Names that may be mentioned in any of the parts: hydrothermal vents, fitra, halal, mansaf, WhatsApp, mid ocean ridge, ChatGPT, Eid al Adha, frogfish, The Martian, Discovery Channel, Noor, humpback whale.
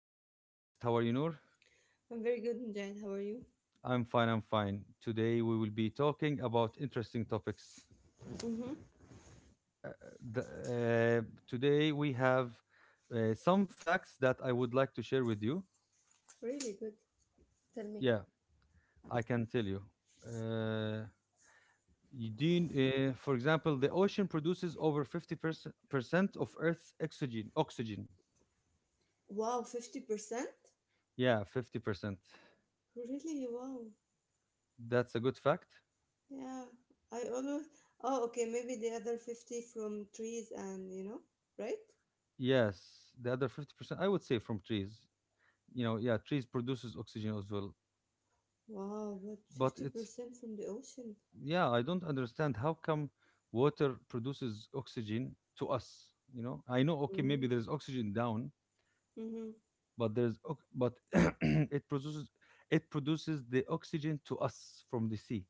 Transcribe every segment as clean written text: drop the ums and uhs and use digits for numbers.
as our guest. How are you, Noor? I'm very good, Jane. How are you? I'm fine. I'm fine. Today we will be talking about interesting topics. Mm-hmm. Uh, Today we have some facts that I would like to share with you. Really good. Tell me. Yeah, I can tell you. Uh, for example, the ocean produces over 50% of Earth's oxygen. Oxygen. Wow, 50%? Yeah, 50%. Really? Wow. That's a good fact. Yeah. I always. Oh, okay. Maybe the other 50 from trees and, right? Yes, the other 50%, I would say from trees. You know, yeah, trees produces oxygen as well. Wow, but But it's, 50% from the ocean. yeah, I don't understand how come water produces oxygen to us. I know. Okay, maybe Mm. there's oxygen down, Hmm. but there's ox- but it produces it produces the oxygen to us from the sea.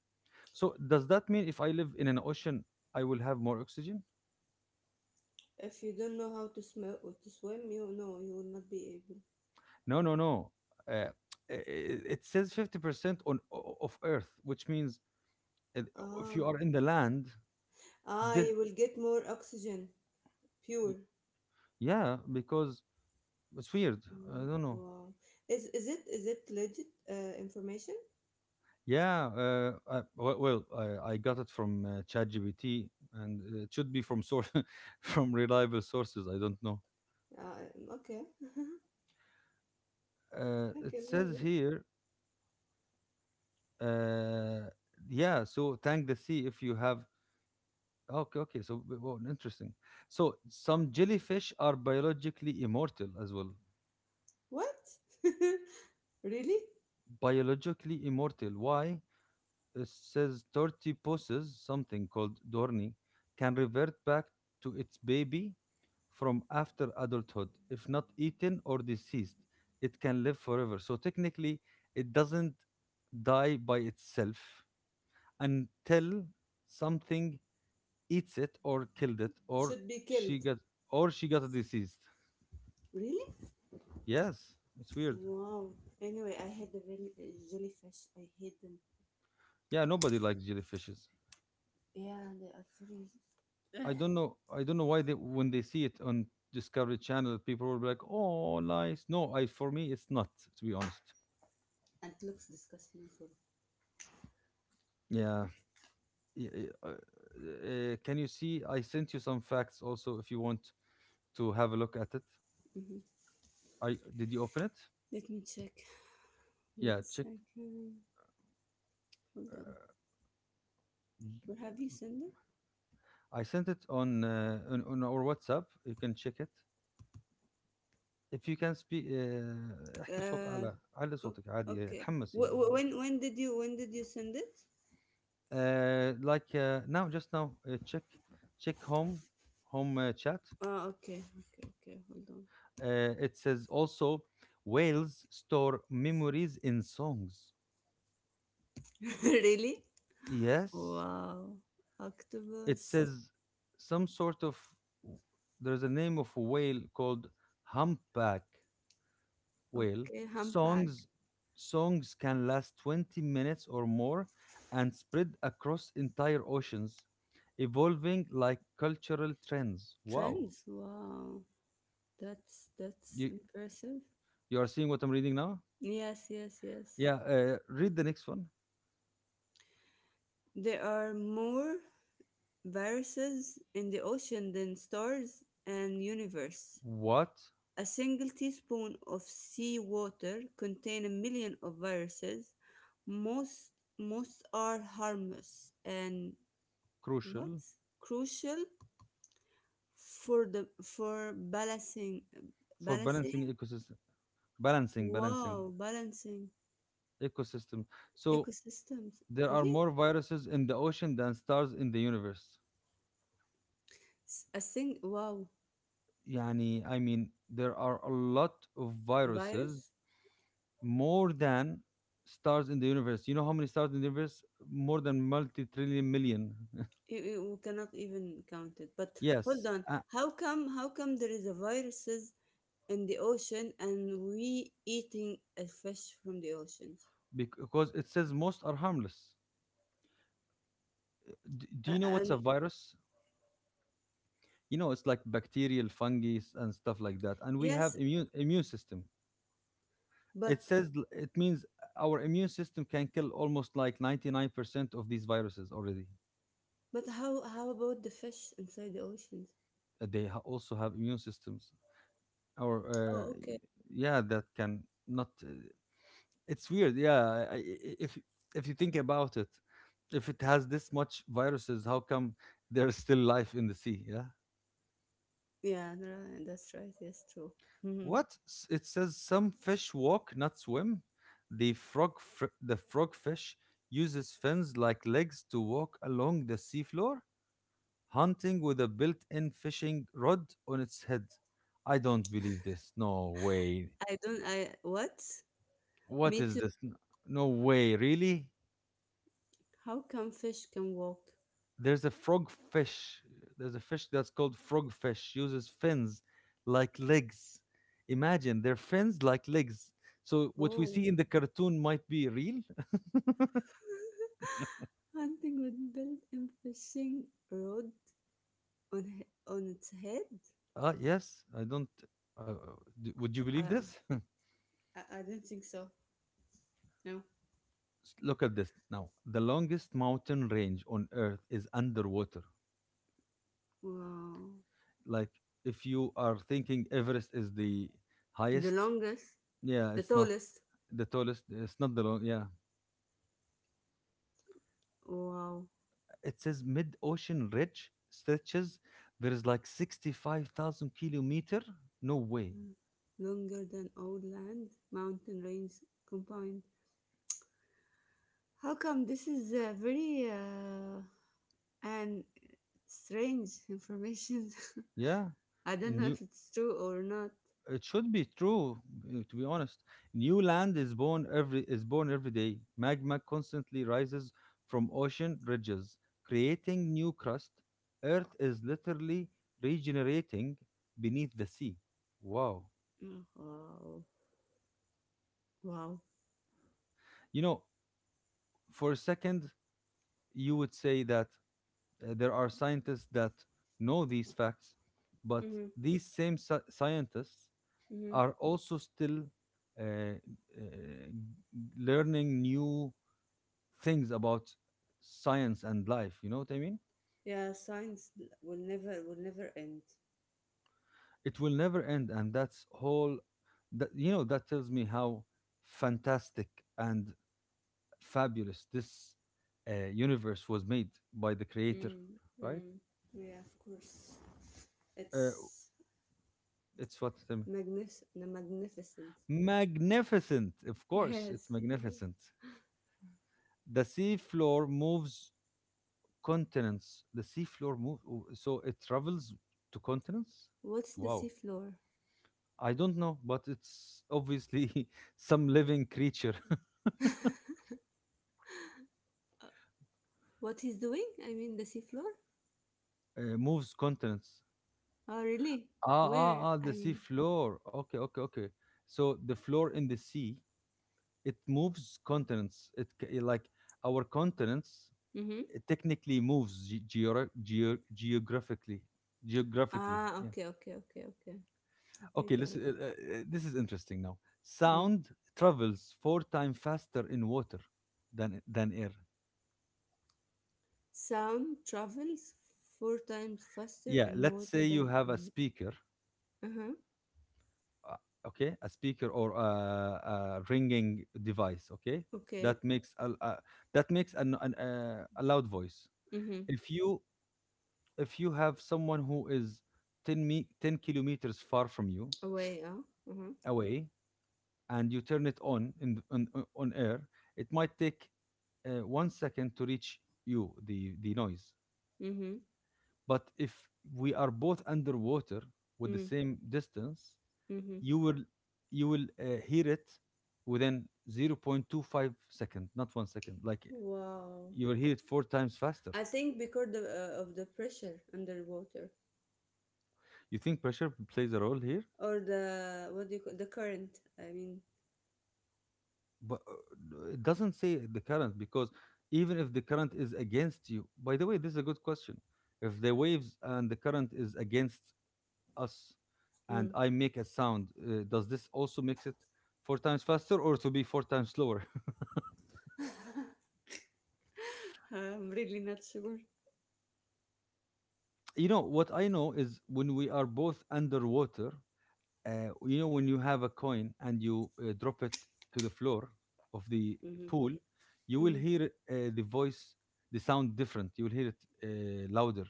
So does that mean if I live in an ocean I will have more oxygen? If you don't know how to smell or to swim, you no, you will not be able. No, no, no. uh, it says 50% of earth, which means uh, if Ah, you are in the land, ah, the, you will get more oxygen, pure. yeah, because it's weird. I Mm. don't know. Wow. Is it legit information? Yeah. I, well, I got it from ChatGPT, and it should be from source, from reliable sources. I don't know. Uh, okay. It Okay, very says good. here. Uh, yeah. So thank the sea if you have. Okay. Okay. So well, interesting. So some jellyfish are biologically immortal as well. What? Really? Biologically immortal. Why? It says 30 poses, something called Dorni, can revert back to its baby from after adulthood. If not eaten or deceased, it can live forever. So technically, it doesn't die by itself until something eats it or killed it or Should be she killed. got she got a disease. Really? Yes, it's weird. Wow. Anyway, I had a very jellyfish. I hate them. Yeah, nobody likes jellyfishes. Yeah, they are very. Ugh. I don't know. I don't know why they when they see it on Discovery Channel, people will be like, "Oh, nice." No, I for me it's not, to be honest. And it looks disgusting as well. Yeah. Can you see? I sent you some facts also if you want to have a look at it. Hmm. I Did you open it? Let me check. One Yeah, check. second. Hold on. Where have you sent it? I sent it on our WhatsApp. You can check it. If you can speak, احكي بصوت Uh. أعلى. علي o- صوتك عادي. Okay. اتحمسي. Wh- wh- when did you send it? Like, now, just now, check home chat. Ah, okay, okay, okay. Hold on. It says also whales store memories in songs. Really? Yes, Wow. it Octopus. says some sort of, there's a name of a whale called humpback whale. Okay, humpback. Songs songs can last 20 minutes or more and spread across entire oceans, evolving like cultural trends. Wow. Trends. Wow. That's You impressive. You are seeing what I'm reading now? Yes, yes, yes. Yeah, read the next one. There are more viruses in the ocean than stars and universe. What. A single teaspoon of seawater contain a million of viruses. Most most are harmless and what? Crucial Crucial for the for balancing, for balancing balancing ecosystem. Balancing wow, balancing ecosystem. So ecosystems. there are Really. more viruses in the ocean than stars in the universe. A sing, wow, Yani, I mean, there are a lot of viruses virus. more than stars in the universe. You know how many stars in the universe? More than multi-trillion million. You cannot even count it. But hold Yes, on, how come there is a viruses in the ocean and we eating a fish from the oceans? because it says most are harmless. D- do you know what's And a virus? You know, it's like bacterial fungi and stuff like that, and we have yes, immune system. but It means our immune system can kill almost like 99% of these viruses already. How about the fish inside the oceans? They also have immune systems or Oh, uh, okay. yeah, that can not, it's weird. Yeah. If if you think about it, if it has this much viruses, how come there's still life in the sea? Yeah. Yeah, right. That's right. Yes, true. Hmm. What? It says some fish walk, not swim. The frogfish uses fins like legs to walk along the seafloor, hunting with a built-in fishing rod on its head. I don't believe this. No way. I don't. I what? What Me is too. this? No way. Really? How come fish can walk? There's a frogfish. There's a fish that's called frogfish. Uses fins like legs. Imagine their fins like legs. So what we Oh, see in the cartoon might be real. hunting with built-in fishing rod on its head? Ah, yes, I don't. Uh, uh, would you Uh, believe this? I don't think so. No. Look at this now. The longest mountain range on Earth is underwater. Wow. Like, if you are thinking Everest is the The highest, longest, yeah, the it's not tallest. the tallest, it's not the long, yeah. Wow. It says mid ocean ridge stretches. There is like 65,000 kilometer. No way. Longer than all land, mountain range combined. How come this is very, and strange information? Yeah. I don't And know you, if it's true or not. it should be true, to be honest. New land is born every day. Magma constantly rises from ocean ridges, creating new crust. Earth is literally regenerating beneath the sea. Wow. Oh, wow. Wow. You know, for a second, you would say that there are scientists that know these facts, but Mm-hmm. these same scientists Mm-hmm. are also still uh, uh, learning new things about science and life, you know what I mean? Yeah, science will never end. It will never end, and that's whole that you know that tells me how fantastic and fabulous this universe was made by the creator, right? Mm-hmm. Yeah, of course. uh, It's it's what, no, magnificent. magnificent. Of course it's Yes. magnificent. The sea floor moves continents. The sea floor moves, so it travels to continents. What's the Wow. seafloor? I don't know, but it's obviously some living creature What he's doing? I mean, the seafloor? Moves contents. Oh, really? Ah, Where? ah, ah, I the sea mean, floor. Okay, okay, okay. So the floor in the sea, it moves continents. Like our continents, mm-hmm. it technically moves geographically. Geographically, Ah, yeah. okay, okay, okay, okay. Okay, Okay, got it. listen. This is interesting now. Mm. Sound travels four times faster in water than air. Sound travels four times faster Yeah, in let's say water you than have a in. speaker, Uh huh. uh, okay, a speaker or a ringing device. Okay, Okay. that makes a that makes an a loud voice. Mm-hmm. If you if you have someone who is 10 kilometers far from you Away. Uh-huh. away, and you turn it on on air, it might take 1 second to reach you the noise. Mm-hmm. But if we are both underwater with the Mm. same distance, Mm-hmm. you will you will hear it within 0.25 second, not 1 second, like Wow. you will hear it four times faster. I think because of the pressure underwater. You think pressure plays a role here? Or the, what do you call, the current, I mean. But it doesn't say the current, because even if the current is against you. By the way, this is a good question. If the waves and the current is against us, Mm, and I make a sound, does this also makes it four times faster, or to be four times slower? I'm really not sure. You know what I know is when we are both underwater, you know when you have a coin and you drop it to the floor of the Hmm. pool, you will Hmm. hear the voice the sound different. You will hear it louder.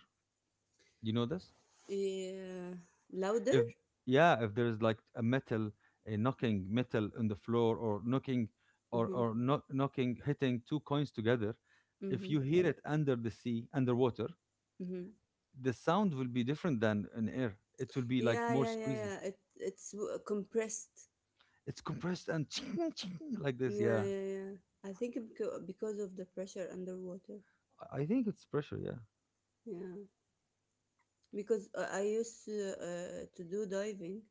You know this? Yeah, louder. If, yeah, if there is like a metal, a knocking metal on the floor, or knocking, or Hmm. or no, knocking, hitting two coins together. If Hmm. you hear it under the sea underwater, Hmm. the sound will be different than in air. It will be like Yeah, more yeah, yeah, squeezy. yeah, it's compressed. It's compressed and ching, ching, like this, Yeah, yeah. yeah, yeah. I think because of the pressure underwater. I think it's pressure, yeah. Yeah, because I used to do diving.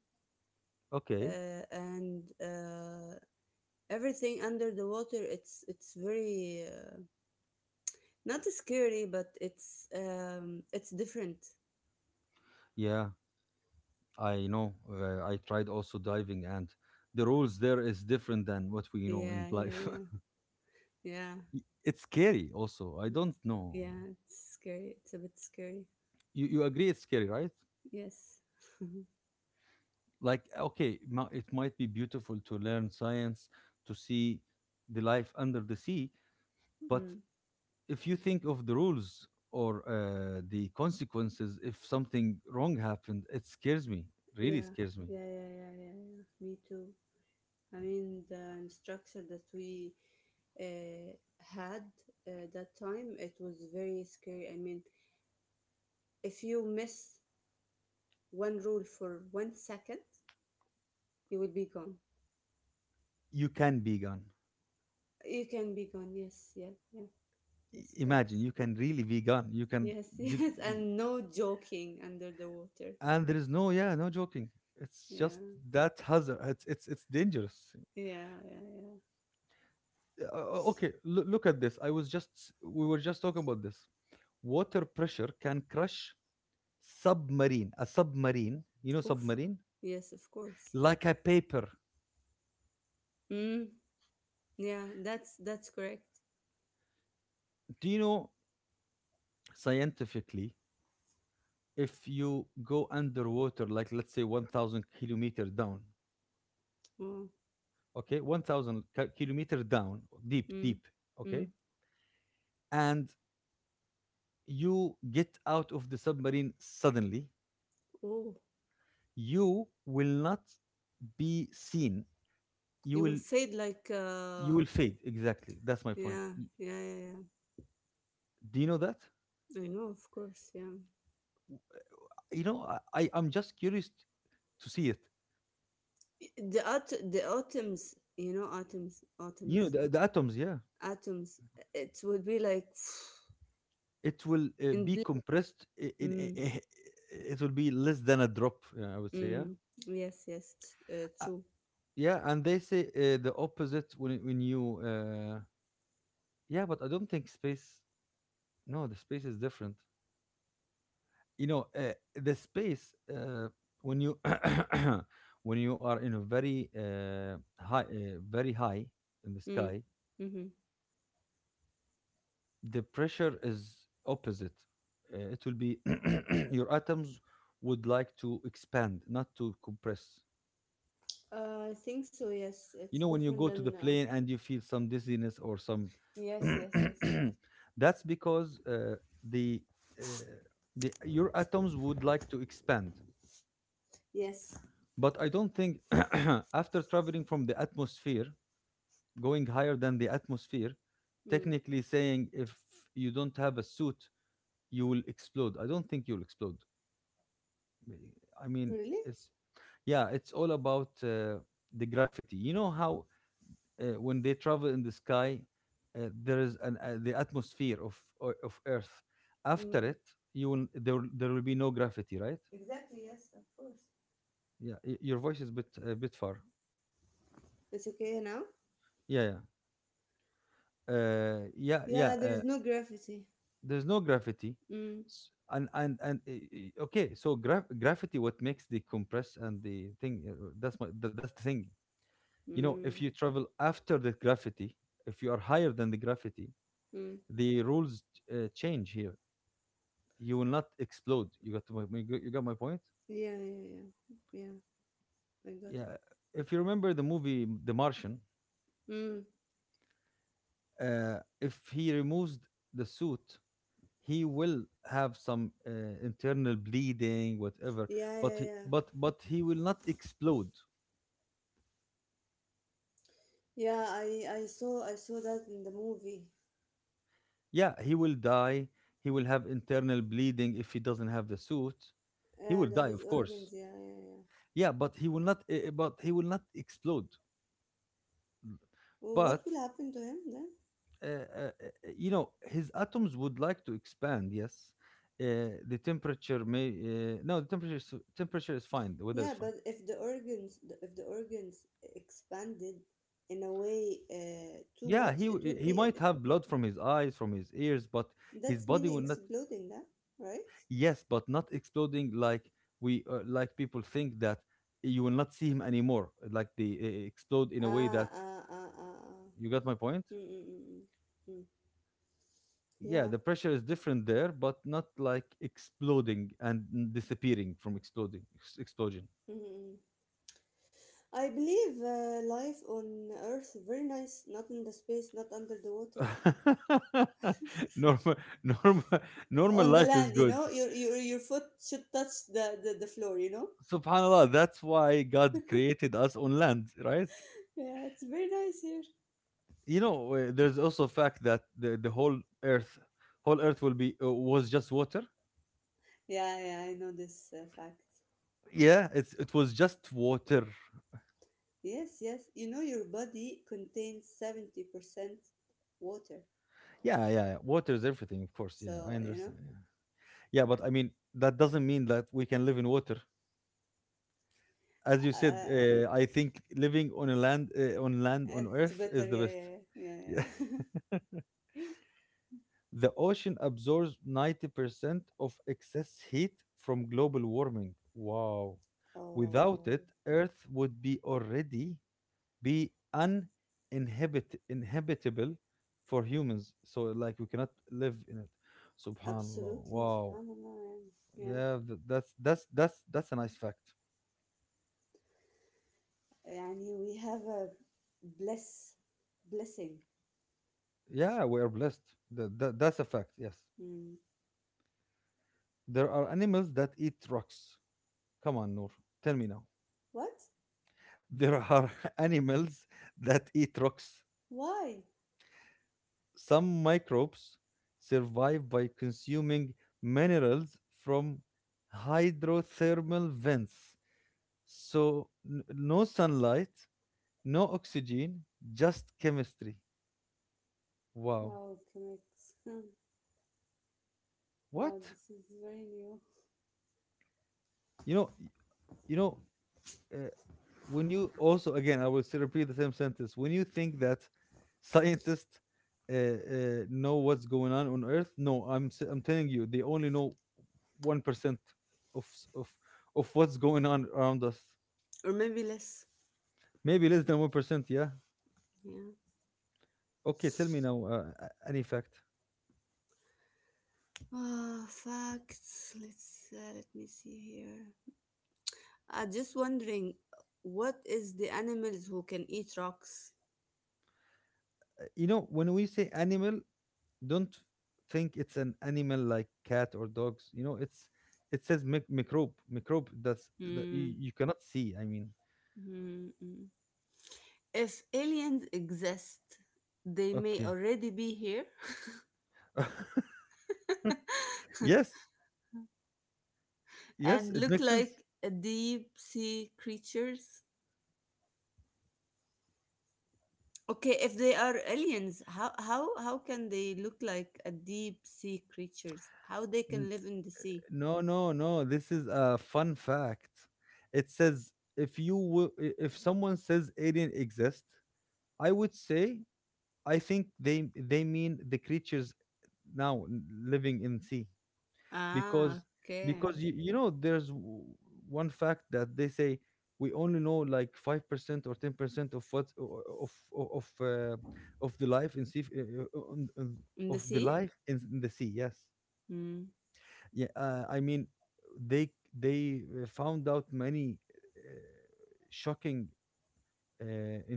Okay. And everything under the water, it's very not scary, but it's different. Yeah, I know. I tried also diving, and the rules there is different than what we know in Yeah, yeah, life. yeah. Yeah. It's scary, also. I don't know. Yeah, it's scary. It's a bit scary. You agree it's scary, right? Yes. Like, okay, it might be beautiful to learn science, to see the life under the sea, but Mm, if you think of the rules or the consequences if something wrong happened, it scares me, really yeah. scares me. Yeah, yeah, yeah, yeah, yeah. Me too. I mean, the instructor that we uh, had, that time, it was very scary. I mean, if you miss one rule for 1 second, you will be gone. You can be gone. You can be gone. Yes, yeah, yeah. I- Yes, correct. imagine you can really be gone. You can. Yes, you, yes, c- and no joking under the water. and there is no, yeah, no joking. It's Yeah, just that hazard. It's dangerous. yeah, yeah, yeah. Okay, look at this. I was just s- We were just talking about this. Water pressure can crush submarine a submarine, you know, Oof. submarine, Yes, of course. like a paper. Mm, yeah, that's correct. Do you know, scientifically, if you go underwater, like let's say 1,000 kilometers down, Oh, okay, 1,000 kilometer down, deep, mm, deep, okay, mm. and you get out of the submarine suddenly, Oh, you will not be seen. You you will will fade like. you will fade. Exactly. That's my point. Yeah, yeah, yeah, yeah. Do you know that? I know, of course. Yeah, You know, I'm just curious to see it. the at the atoms. You know, atoms, You know, atoms, the atoms. Yeah, atoms. It would be like it will in be blink. compressed. i- in- i- Mm, i- it will be less than a drop. I would say. Yeah. mm. Yes, yes. True. Yeah, and they say the opposite when you, yeah, but I don't think space. No, the space is different. You know, the space when you when you are in a very high, very high in the Mm. sky, Mm-hmm. the pressure is opposite. It will be your atoms would like to expand, not to compress. I think so. Yes, it's You know, when you different go to than the plane and you feel some dizziness or some yes, yes, yes. that's because the uh, the your atoms would like to expand. Yes. But I don't think after traveling from the atmosphere, going higher than the atmosphere, Mm. technically saying, if you don't have a suit you will explode. I don't think you'll explode. I mean, Really? it's, yeah, it's all about the gravity. You know how when they travel in the sky, there is an, the atmosphere of of Earth. After Mm, it, you will, there will be no gravity, right? exactly, yes, of course. Yeah, your voice is a bit far. It's okay now. Yeah, yeah, yeah, yeah. Yeah, there is no graffiti. There's no gravity. Mm. And okay. So gravity, what makes the compress and the thing? That's my that's the thing. You know, if Mm. you travel after the gravity, if you are higher than the gravity, Mm. the rules change here. You will not explode. You got my point. Yeah, yeah, yeah, yeah. I got it. Yeah. If you remember the movie The Martian, Mm. If he removes the suit, he will have some internal bleeding, whatever. Yeah, yeah, yeah. but he will not explode. Yeah, I saw, that in the movie. Yeah, he will die. He will have internal bleeding if he doesn't have the suit. He Yeah, will die, his of organs. course. Yeah, yeah, yeah. Yeah, but he will not. But he will not explode. Well, what But will happen to him? You know, his atoms would like to expand, yes. uh, the temperature may no, the temperature is fine, the weather is Yeah, but fine. If the organs expanded in a way, too Yeah, much, he it will he be might have blood from his eyes, from his ears, but his that's body meaning will not. exploding, that, right? Yes, but not exploding like we like people think that you will not see him anymore, like they explode in a way Ah, that, ah, ah, ah, ah. you got my point. Mm, mm, mm, mm. Mm. Yeah, Yeah. the pressure is different there, but not like exploding and disappearing from exploding, explosion. Mm, mm, mm. I believe life on Earth very nice, not in the space, not under the water, Normal, normal, normal on the life is land. You good. know, your foot should touch the floor. You know. Subhanallah. That's why God created us on land, right? Yeah, it's very nice here. You know, there's also a fact that the whole earth will be was just water. Yeah, yeah, I know this fact. Yeah, it's it was just water. Yes, yes. You know, your body contains 70% water. Yeah, yeah, yeah. Water is everything, of course. Yeah, I So, understand. Yeah, yeah, but I mean that doesn't mean that we can live in water. As you said, uh, I think living on a land, on land on it's earth better. is the Yeah, best. yeah, yeah, yeah. Yeah. The ocean absorbs 90% of excess heat from global warming. Wow. Oh, Without it, Earth would be already be uninhabit inhabitable for humans. So like we cannot live in it. Subhanallah. absolutely. Wow. SubhanAllah. Yeah. Yeah, that's a nice fact. Yeah. Yani, we have a bless, blessing. Yeah, we are blessed. That's a fact. Yes. Hmm. There are animals that eat rocks. Come on, Noor. Tell me now. What? There are animals that eat rocks. Why? Some microbes survive by consuming minerals from hydrothermal vents. So, no sunlight, no oxygen, just chemistry. Wow. Wow, connects. What? Wow, this is very new. You know, you know, uh, when you also, again, I will still repeat the same sentence, when you think that scientists uh, uh, know what's going on earth, no, I'm telling you, they only know 1% of of what's going on around us. Or maybe less. Maybe less than 1%, yeah. Yeah. Okay, tell me now, any fact. Ah, facts. Let me see here. I'm just wondering, what is the animals who can eat rocks? You know, when we say animal, don't think it's an animal like cat or dogs, you know, it's, it says microbe, microbe, that's that Hmm. you cannot see, I mean, Hmm. Hmm. If aliens exist, they may okay. already be here Yes, yes, and it look makes sense. like deep sea creatures. Okay, if they are aliens, how can they look like a deep sea creatures? How they N- can live in the sea? No, no, no. This is a fun fact. It says, if you will, if someone says alien exist, I would say I think they mean the creatures now, living in sea. because Ah, okay. because you, you know, there's one fact that they say, we only know like 5% or 10% of what of the life in sea, In of the the sea? life in the sea, yes. Mm. Yeah, I mean, they they found out many shocking uh,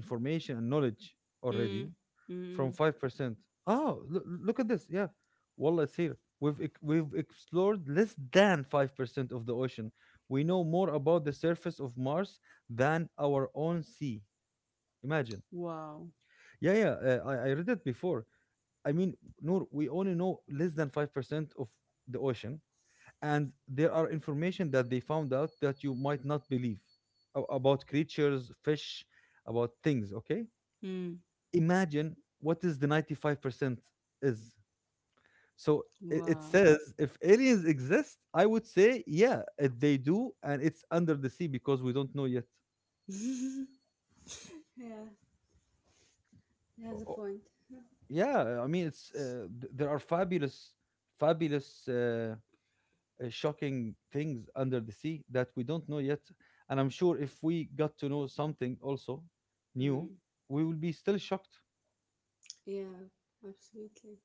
information and knowledge already, Mm, mm. from Mm. 5%. Oh, look at this, yeah, wallah, it's here. We've explored less than 5% of the ocean. We know more about the surface of Mars than our own sea. Imagine. Wow. Yeah, yeah, I read it before. I mean, Noor, we only know less than 5% of the ocean, and there are information that they found out that you might not believe, about creatures, fish, about things. Okay, Mm. imagine what is the 95% is. So it Wow. says if aliens exist, I would say yeah, they do, and it's under the sea because we don't know yet. Yeah, he has O- a o- point. Huh. Yeah, I mean, it's there are fabulous, fabulous shocking things under the sea that we don't know yet. And I'm sure if we got to know something also new, Mm, we will be still shocked. yeah, absolutely.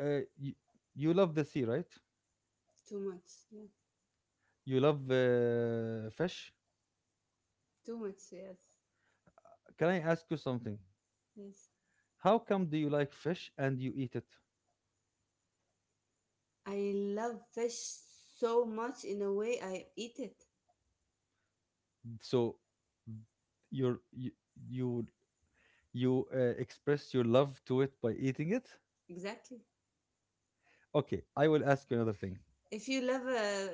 You, you love the sea, right? Too much. Yeah, You love fish. too much. Yes, Can I ask you something? yes. How come do you like fish and you eat it? I love fish so much in a way I eat it. So you're, you you express your love to it by eating it. Exactly. Okay, I will ask you another thing. If you love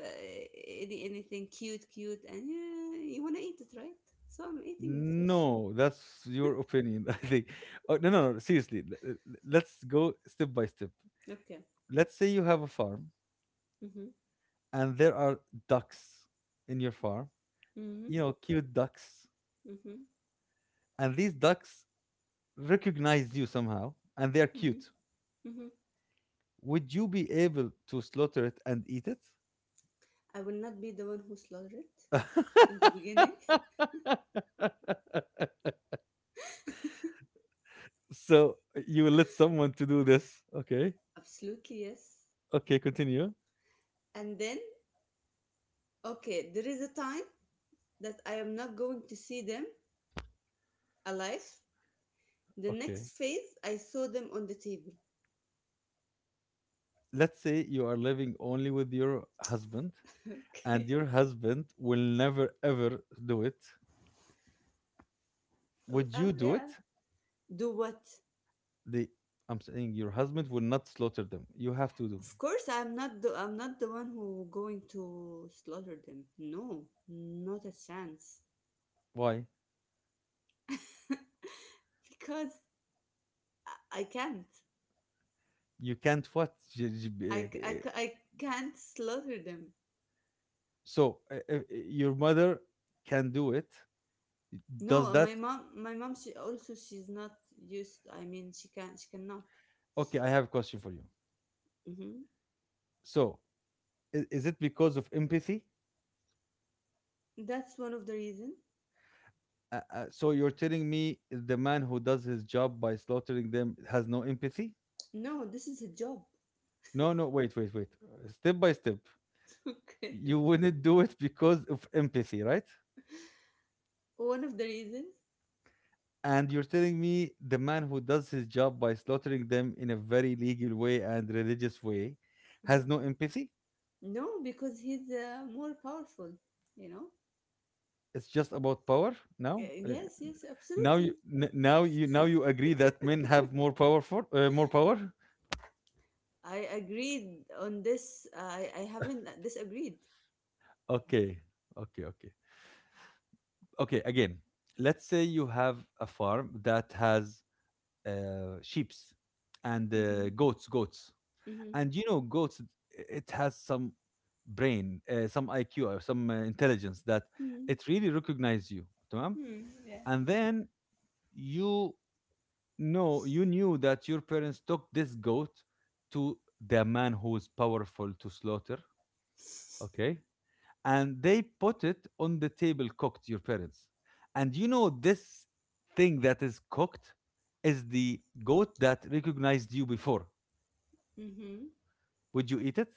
anything cute, cute, and yeah, you want to eat it, right? So I'm eating the fish. No, that's your opinion, I think. Oh, no, no, no, seriously. Let's go step by step. Okay. Let's say you have a farm Mm-hmm. and there are ducks in your farm, Mm-hmm. you know, cute ducks. Mm-hmm. And these ducks recognize you somehow and they are Mm-hmm. cute. Hmm. Would you be able to slaughter it and eat it? I will not be the one who slaughtered in the beginning. So you will let someone to do this. Okay. Absolutely, yes. Okay, continue. And then, okay, there is a time that I am not going to see them alive. The Okay. next phase, I saw them on the table. Let's say you are living only with your husband, and Okay. your husband will never ever do it, would you do Yeah. it? Do what? The, I'm saying, your husband will not slaughter them, you have to do. Of course, I'm not the one who going to slaughter them. No, not a chance. Why? Because I can't. You can't what? I can't slaughter them. So, your mother can do it, does No, that. my mom, she also she's not used. I mean, she cannot. Okay, I have a question for you. Hmm. So, is it because of empathy? That's one of the reason. So you're telling me the man who does his job by slaughtering them has no empathy? No, this is a job. No, no, wait, wait, wait. Step by step. Okay. You wouldn't do it because of empathy, right? One of the reasons? And you're telling me the man who does his job by slaughtering them in a very legal way and religious way Mhm. has no empathy? No, because he's more powerful, you know? It's just about power now? Yes, yes, Now you, absolutely. Now you agree that men have more powerful more power? I agreed on this. I haven't disagreed. Okay. Okay, okay. Okay, again. Let's say you have a farm that has sheeps and Mm-hmm. Goats, Mm-hmm. and you know goats, it has some brain, some IQ or some intelligence, that Mm-hmm. it really recognizes you. تمام. Mm. Yeah. And then you know, you knew that your parents took this goat to the man who is powerful to slaughter, okay, and they put it on the table cooked, your parents, and you know this thing that is cooked is the goat that recognized you before. Mm-hmm. Would you eat it?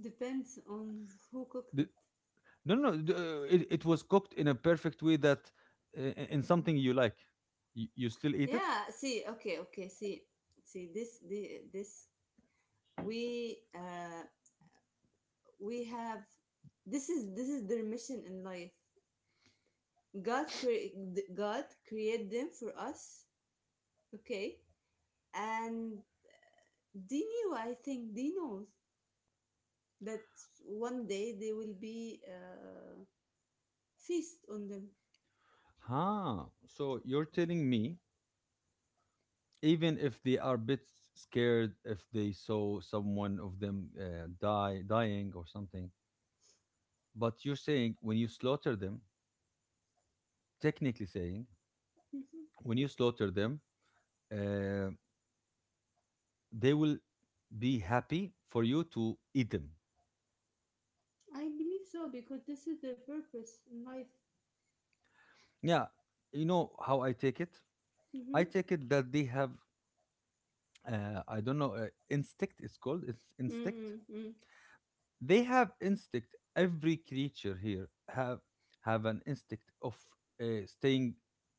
Depends on who cooked D- it. No, no, no, it, it was cooked in a perfect way that in something you like. You still eat it? Yeah, see, okay, okay, see. See, this, the this we uh we have, this is their mission in life. God cre- God created them for us, okay? And they knew, I think, they know that one day they will be a feast on them. Ah, so you're telling me, even if they are a bit scared, if they saw someone of them dying or something, but you're saying when you slaughter them, technically saying, Mhm. when you slaughter them, uh, they will be happy for you to eat them. I believe so because this is their purpose in life. Yeah, you know how I take it? Mm-hmm. I take it that they have, I don't know, instinct. It's called it's instinct. Mm-hmm. Mm-hmm. They have instinct. Every creature here have an instinct of staying,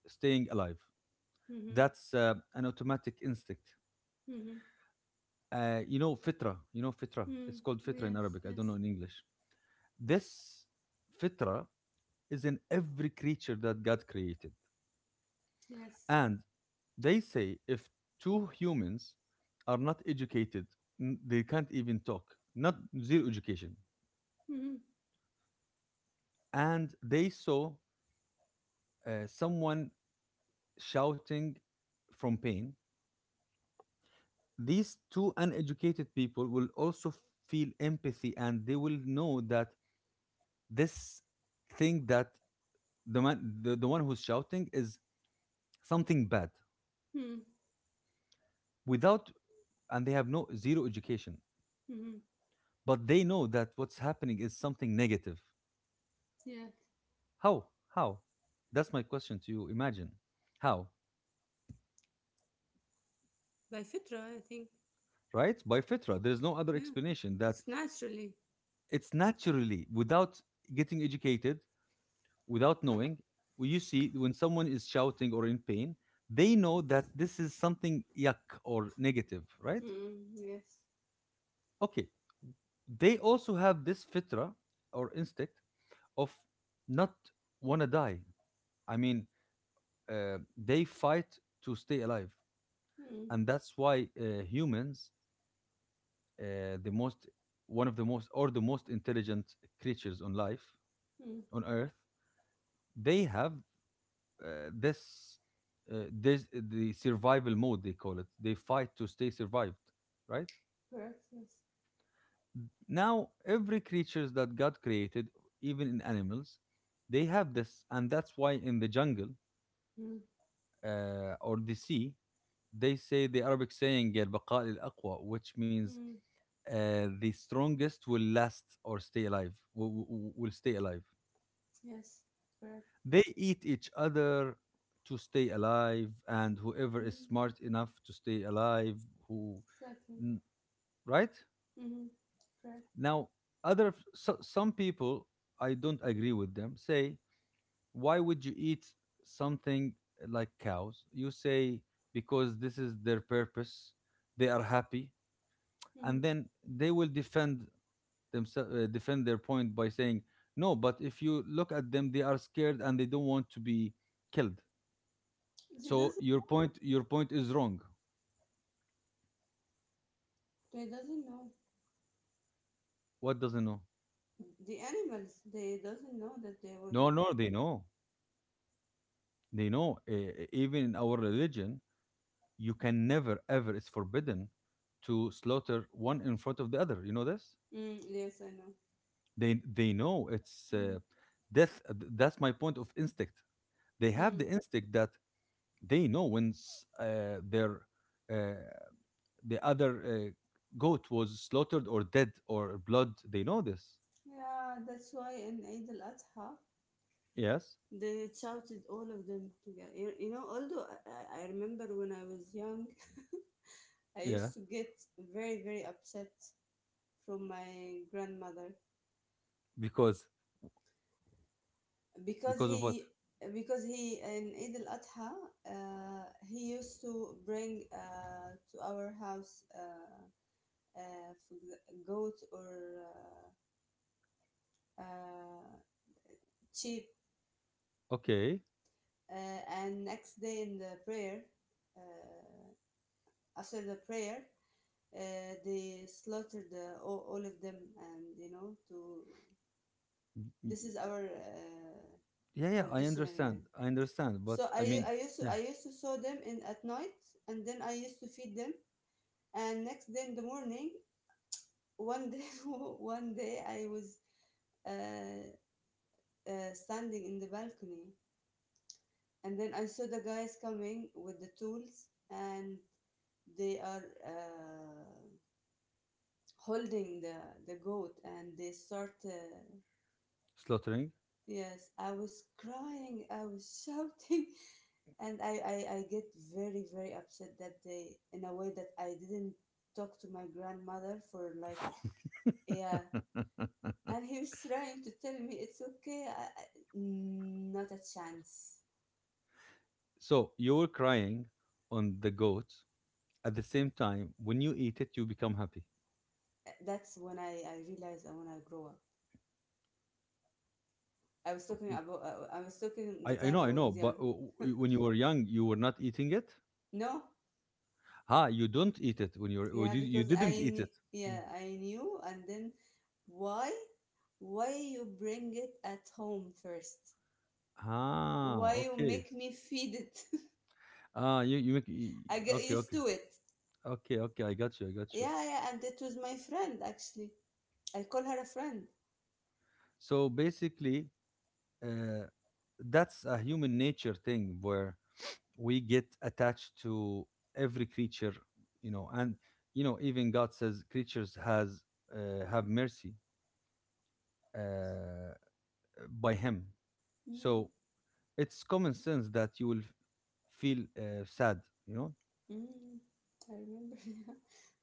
staying alive. That's an automatic instinct. Mm-hmm. You know fitra. You know fitra. Mm-hmm. It's called fitra in Yes, Arabic. I don't yes. know in English. This fitra is in every creature that God created. Yes. And they say if two humans are not educated, they can't even talk, not zero education. Mm-hmm. And they saw someone shouting from pain. These two uneducated people will also feel empathy and they will know that this thing that the man, the one who's shouting, is something bad, Mm-hmm. without, and they have no zero education, Mm-hmm. but they know that what's happening is something negative. Yes. How? How? That's my question to you. Imagine. How? By fitra, I think. Right? By fitra. There's no other Yeah, explanation, that it's naturally. it's naturally, without getting educated, without knowing, when you see when someone is shouting or in pain, they know that this is something yuck or negative, right? Mm, yes. Okay. They also have this fitra or instinct of not want to die. I mean, they fight to stay alive. Mm, And that's why humans, the most one of the most or the most intelligent creatures on life mm, on earth, they have uh, this this the survival mode, they call it. They fight to stay survived, right? correct, yes. Now, every creatures that God created, even in animals, they have this. And that's why in the jungle, Mm, or the sea, they say the Arabic saying al-baqa al-aqwa, which means mm, the strongest will last or stay alive, will stay alive. yes, correct. They eat each other to stay alive, and whoever is Mm, smart enough to stay alive, who, exactly. n- right? Mm-hmm. Correct. Now, other some people, I don't agree with them, say, why would you eat something like cows? You say, because this is their purpose, they are happy, Mm. and then they will defend themselves, defend their point by saying, no, but if you look at them, they are scared and they don't want to be killed. They So doesn't. your point is wrong. They doesn't know What doesn't know? the animals. They doesn't know that they will. No, no, they know. They know. Even in our religion, you can never, ever. It's forbidden to slaughter one in front of the other. You know this? Mm, yes, I know. They know it's Mm. Death. That's my point of instinct. They have Mm. the instinct that they know when their uh, the other goat was slaughtered or dead or blood. They know this. Yeah, that's why in Eid al Adha Yes. they shouted all of them together. You know, although I, remember when I was young, I Yeah. used to get very, very upset from my grandmother Because because because of what? he, in Eid al Adha uh, he used to bring, to our house. Uh, goat or, uh, uh, sheep. Okay. And next day in the prayer, uh, after the prayer, they slaughtered, all of them, and, you know, to Y- this is our Yeah, yeah, I traditional understand. يعني. I understand. But So I mean, yeah, I used to saw them in at night, and then I used to feed them, and next day in the morning, one day, one day I was, uh, standing in the balcony, and then I saw the guys coming with the tools, and they are holding the goat, and they start slaughtering. yes, I was crying, I was shouting, and I, get very, very upset that day in a way that I didn't talk to my grandmother for, like, yeah, and he was trying to tell me it's okay, not a chance. So you were crying on the goat. At the same time, when you eat it, you become happy. That's when I realized I want to grow up. I was talking about. I was talking the I time know, I I know. was But young. When you were young, you were not eating it. No, Ah, you don't eat it when you were. Or yeah, you because didn't eat it. yeah, Mm. I knew, and then why why you bring it at home first? Ah, Why you okay. make me feed it? Ah, you you make. y- I get Okay, used okay, to it. okay, okay. I got you. I got you. Yeah, yeah, and it was my friend actually. I call her a friend. So basically, uh, that's a human nature thing where we get attached to every creature, you know, and you know, even God says creatures has, have mercy uh, by Him. Mm, So it's common sense that you will feel sad, you know. mm, I remember, yeah.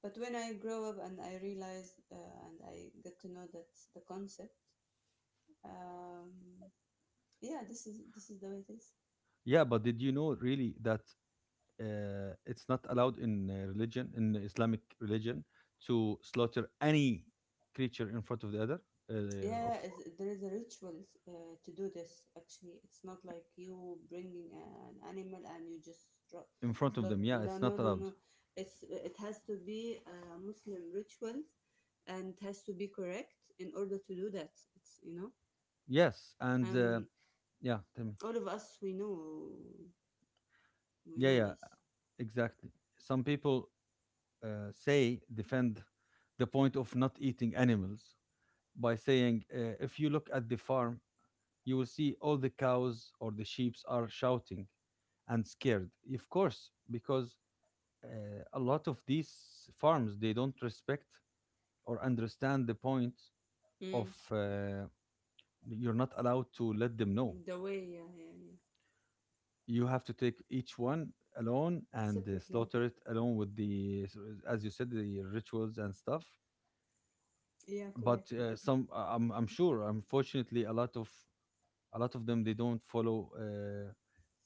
But when I grow up and I realized, and I get to know that, the concept, um, yeah, this is the way it is. Yeah, but did you know really that it's not allowed in religion, in Islamic religion, to slaughter any creature in front of the other of Yeah, there is a rituals, to do this. Actually, it's not like you bringing an animal and you just dro- in front of them. slaughter. Yeah, No, it's no, not no, allowed. no. It has to be a Muslim ritual, and it has to be correct in order to do that. It's, you know, Yes, and and yeah, tell me. all of us we know, Yeah, yeah, this. exactly. Some people say defend the point of not eating animals by saying, if you look at the farm, you will see all the cows or the sheep are shouting and scared. Of course, because uh, a lot of these farms, they don't respect or understand the point of Mm, you're not allowed to let them know. the way, yeah, yeah, yeah. You have to take each one alone and Separately, slaughter it alone with the as you said, the rituals and stuff. yeah, correct. But I'm sure unfortunately a lot of them, they don't follow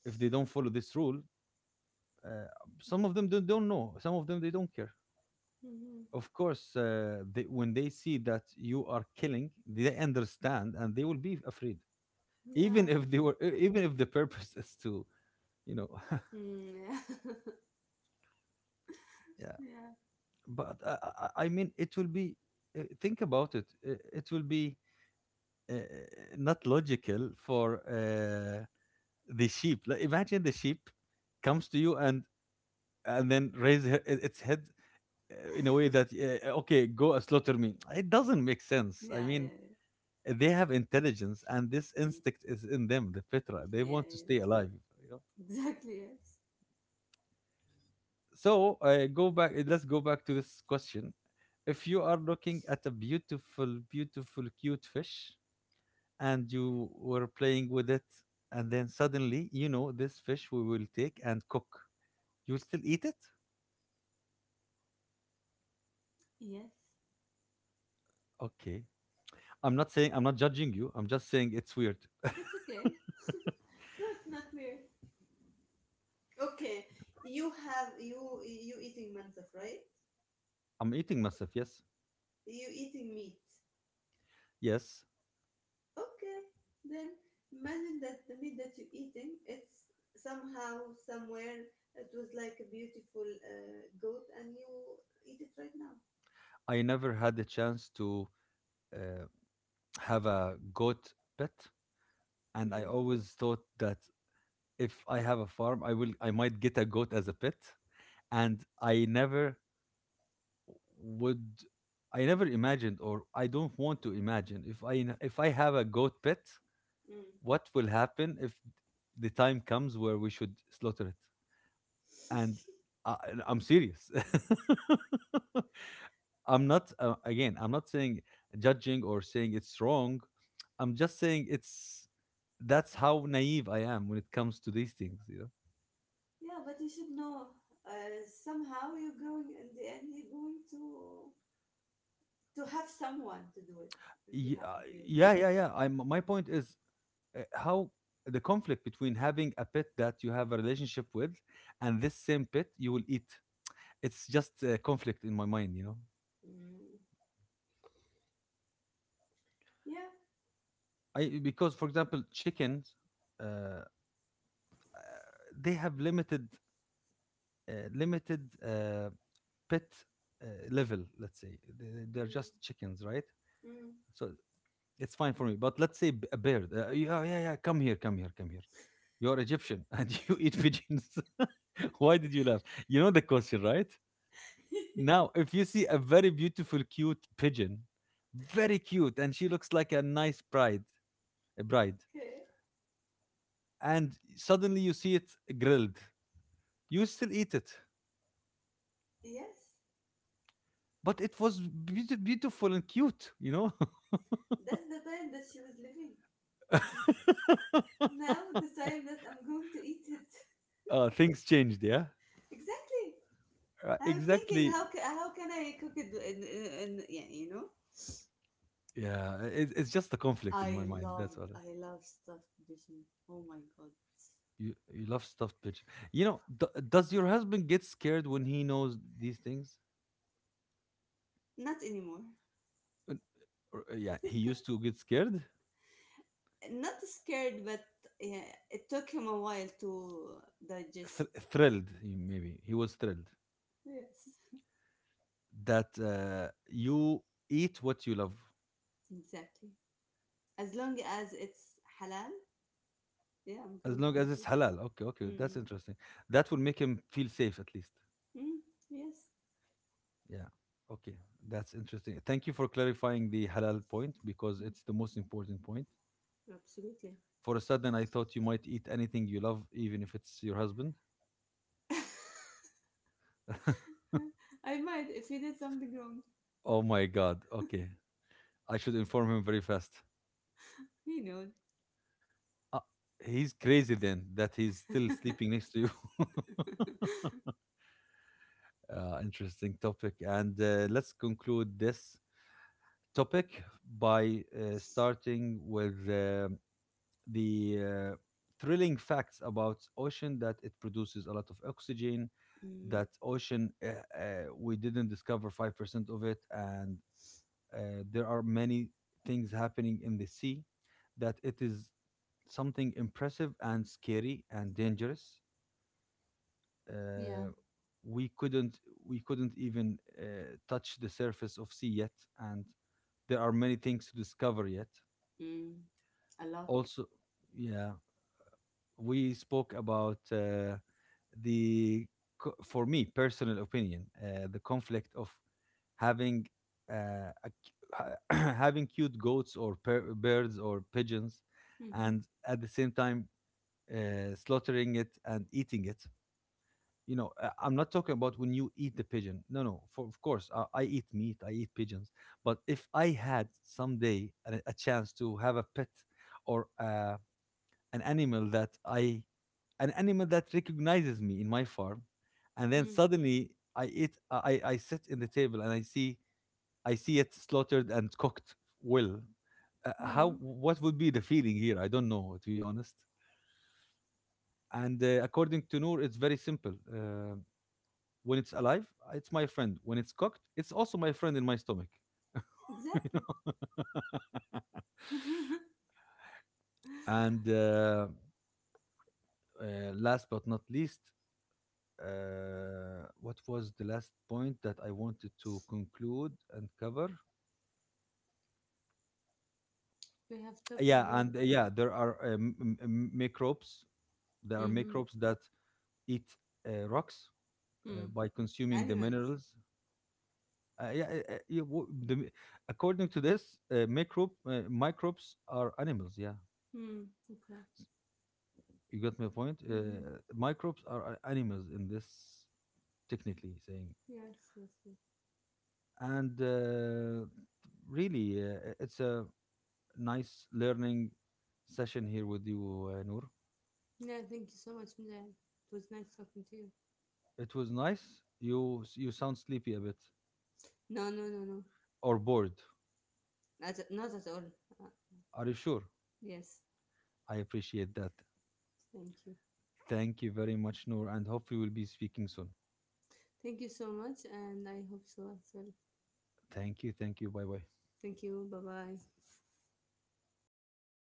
if they don't follow this rule, uh, some of them don't know, some of them they don't care. Hmm. Of course they, when they see that you are killing, they understand and they will be afraid, even Yeah, of if they course. were even if the purpose is to, you know. Mm, yeah. Yeah, But I mean, it will be. Think about it. It will be uh, not logical for the sheep. Like, imagine the sheep comes to you and then raise her, its head in a way that, okay, go and slaughter me. It doesn't make sense. yeah, I mean, yeah, they have intelligence, and this yeah. instinct is in them, the fitra. They Yeah, want to yeah. stay alive. You know. Exactly, yes. So go back. Let's go back to this question. If you Mhm. are looking at a beautiful, beautiful, cute fish, and you were playing with it, and then suddenly you know this fish we will take and cook, you will still eat it. Yes. Okay, I'm not saying, I'm not judging you, I'm just saying it's weird. It's okay. No, it's not weird. Okay, you eating mansaf, right? I'm eating myself, yes. You eating meat. Yes, Okay, then imagine that the meat that you're eating, it's somehow, somewhere, it was like a beautiful goat, and you eat it right now. I never had the chance to uh, have a goat pet, and I Mm, always thought that if I have a farm, I will, I might get a goat as a pet, and I never would. I never imagined, or I don't want to imagine, if I if I have a goat pet, mm. what will happen if the time comes where we should slaughter it? And I, I'm serious. I'm not again, I'm not saying judging or saying it's wrong. I'm just saying it's, that's how naive I am when it comes to these things. You know. Yeah, but you should know. Somehow you're going in the end. You're going to have someone to do it on behalf Yeah, of you. yeah, yeah, yeah. My point is how the conflict between having a pet that you have a relationship with and this same pet you will eat. It's just a conflict in my mind, you know. Mm. Yeah. I, because, for example, chickens, uh, they have limited limited uh, pet level, let's say. They're Mm. just chickens, right? Mm. So it's fine for me, but let's say, a bird, yeah, yeah, yeah, come here, come here, come here. You're Egyptian and you eat pigeons. Why did you laugh? You know the question, right? Now, if you see a very beautiful, cute pigeon, very cute, and she looks like a nice bride, Okay. and suddenly you see it grilled, you still eat it, Yes. but it was beautiful and cute, you know. That's the time that she was living. Now the time that I'm going to eat it. Things changed, yeah. Exactly. I was thinking Exactly. How can I cook it, and yeah, you know. Yeah, it, it's just a conflict in my mind. That's all. I love stuffed vision. Oh my God. You love stuffed pigeon. You know, does your husband get scared when he knows these things? Not anymore. Uh, Yeah, he used to get scared. Not scared, but yeah, it took him a while to thr digest. Thrilled, maybe. He was thrilled Yes. that you eat what you love Exactly. As long as it's halal, yeah, I'm as going long to as eat it's it. halal. Okay, okay, that's Mm-mm. interesting. That will make him feel safe at least. Mm, yes, Yeah. Okay, that's interesting. Thank you for clarifying the halal point because mm, it's the most important point. absolutely. For a sudden, I thought you might eat anything you love, even if it's your husband. I might if he did something wrong. Oh my God. Okay, I should inform him very fast. He knows. Uh, he's crazy then that he's still sleeping next to you. Interesting topic. And let's conclude this topic by starting with the thrilling facts about ocean that it produces a lot of oxygen, Mm, that ocean we didn't discover 5% of it, and there are many things happening in the sea that it is something impressive and scary and dangerous. yeah. Uh, we couldn't we couldn't even touch the surface of sea yet, and there are many things to discover yet. Mm, a lot. Also, yeah, we spoke about the for me personal opinion, the conflict of having uh, a having cute goats or birds or pigeons, Mm-hmm. and at the same time slaughtering it and eating it, you know. I'm not talking about when you eat the pigeon, no, no. For, of course, I eat meat, I eat pigeons. But if I had someday a chance to have a pet or an animal that i an animal that recognizes me in my farm, and then Mm, suddenly I eat, I sit in the table and I see it slaughtered and cooked, well, how, mm, what would be the feeling here? I don't know, to be honest. And according to Noor, it's very simple. When it's alive, it's my friend. When it's cooked, it's also my friend in my stomach. exactly. And uh, last but not least, what was the last point that I wanted to conclude and cover? We have talked Yeah, about. and there are microbes. There are Mm-hmm. microbes that eat rocks Mm. by consuming the Animals. minerals. Uh, yeah, yeah, according to this, microbes are animals. Yeah, Mm, okay. you got my point. Mm-hmm. Microbes are animals in this, technically saying, Yes, yes, yes. and really, it's a nice learning session here with you, Noor. Yeah, thank you so much, Mila. It was nice talking to you. It was nice. You sound sleepy a bit No, no, no, no. or bored. Not, not at all. Uh, Are you sure? yes. I appreciate that. Thank you. Thank you very much, Noor, and hope we will be speaking soon. Thank you so much, and I hope so as well. Thank you, thank you. Bye bye. Thank you. Bye bye.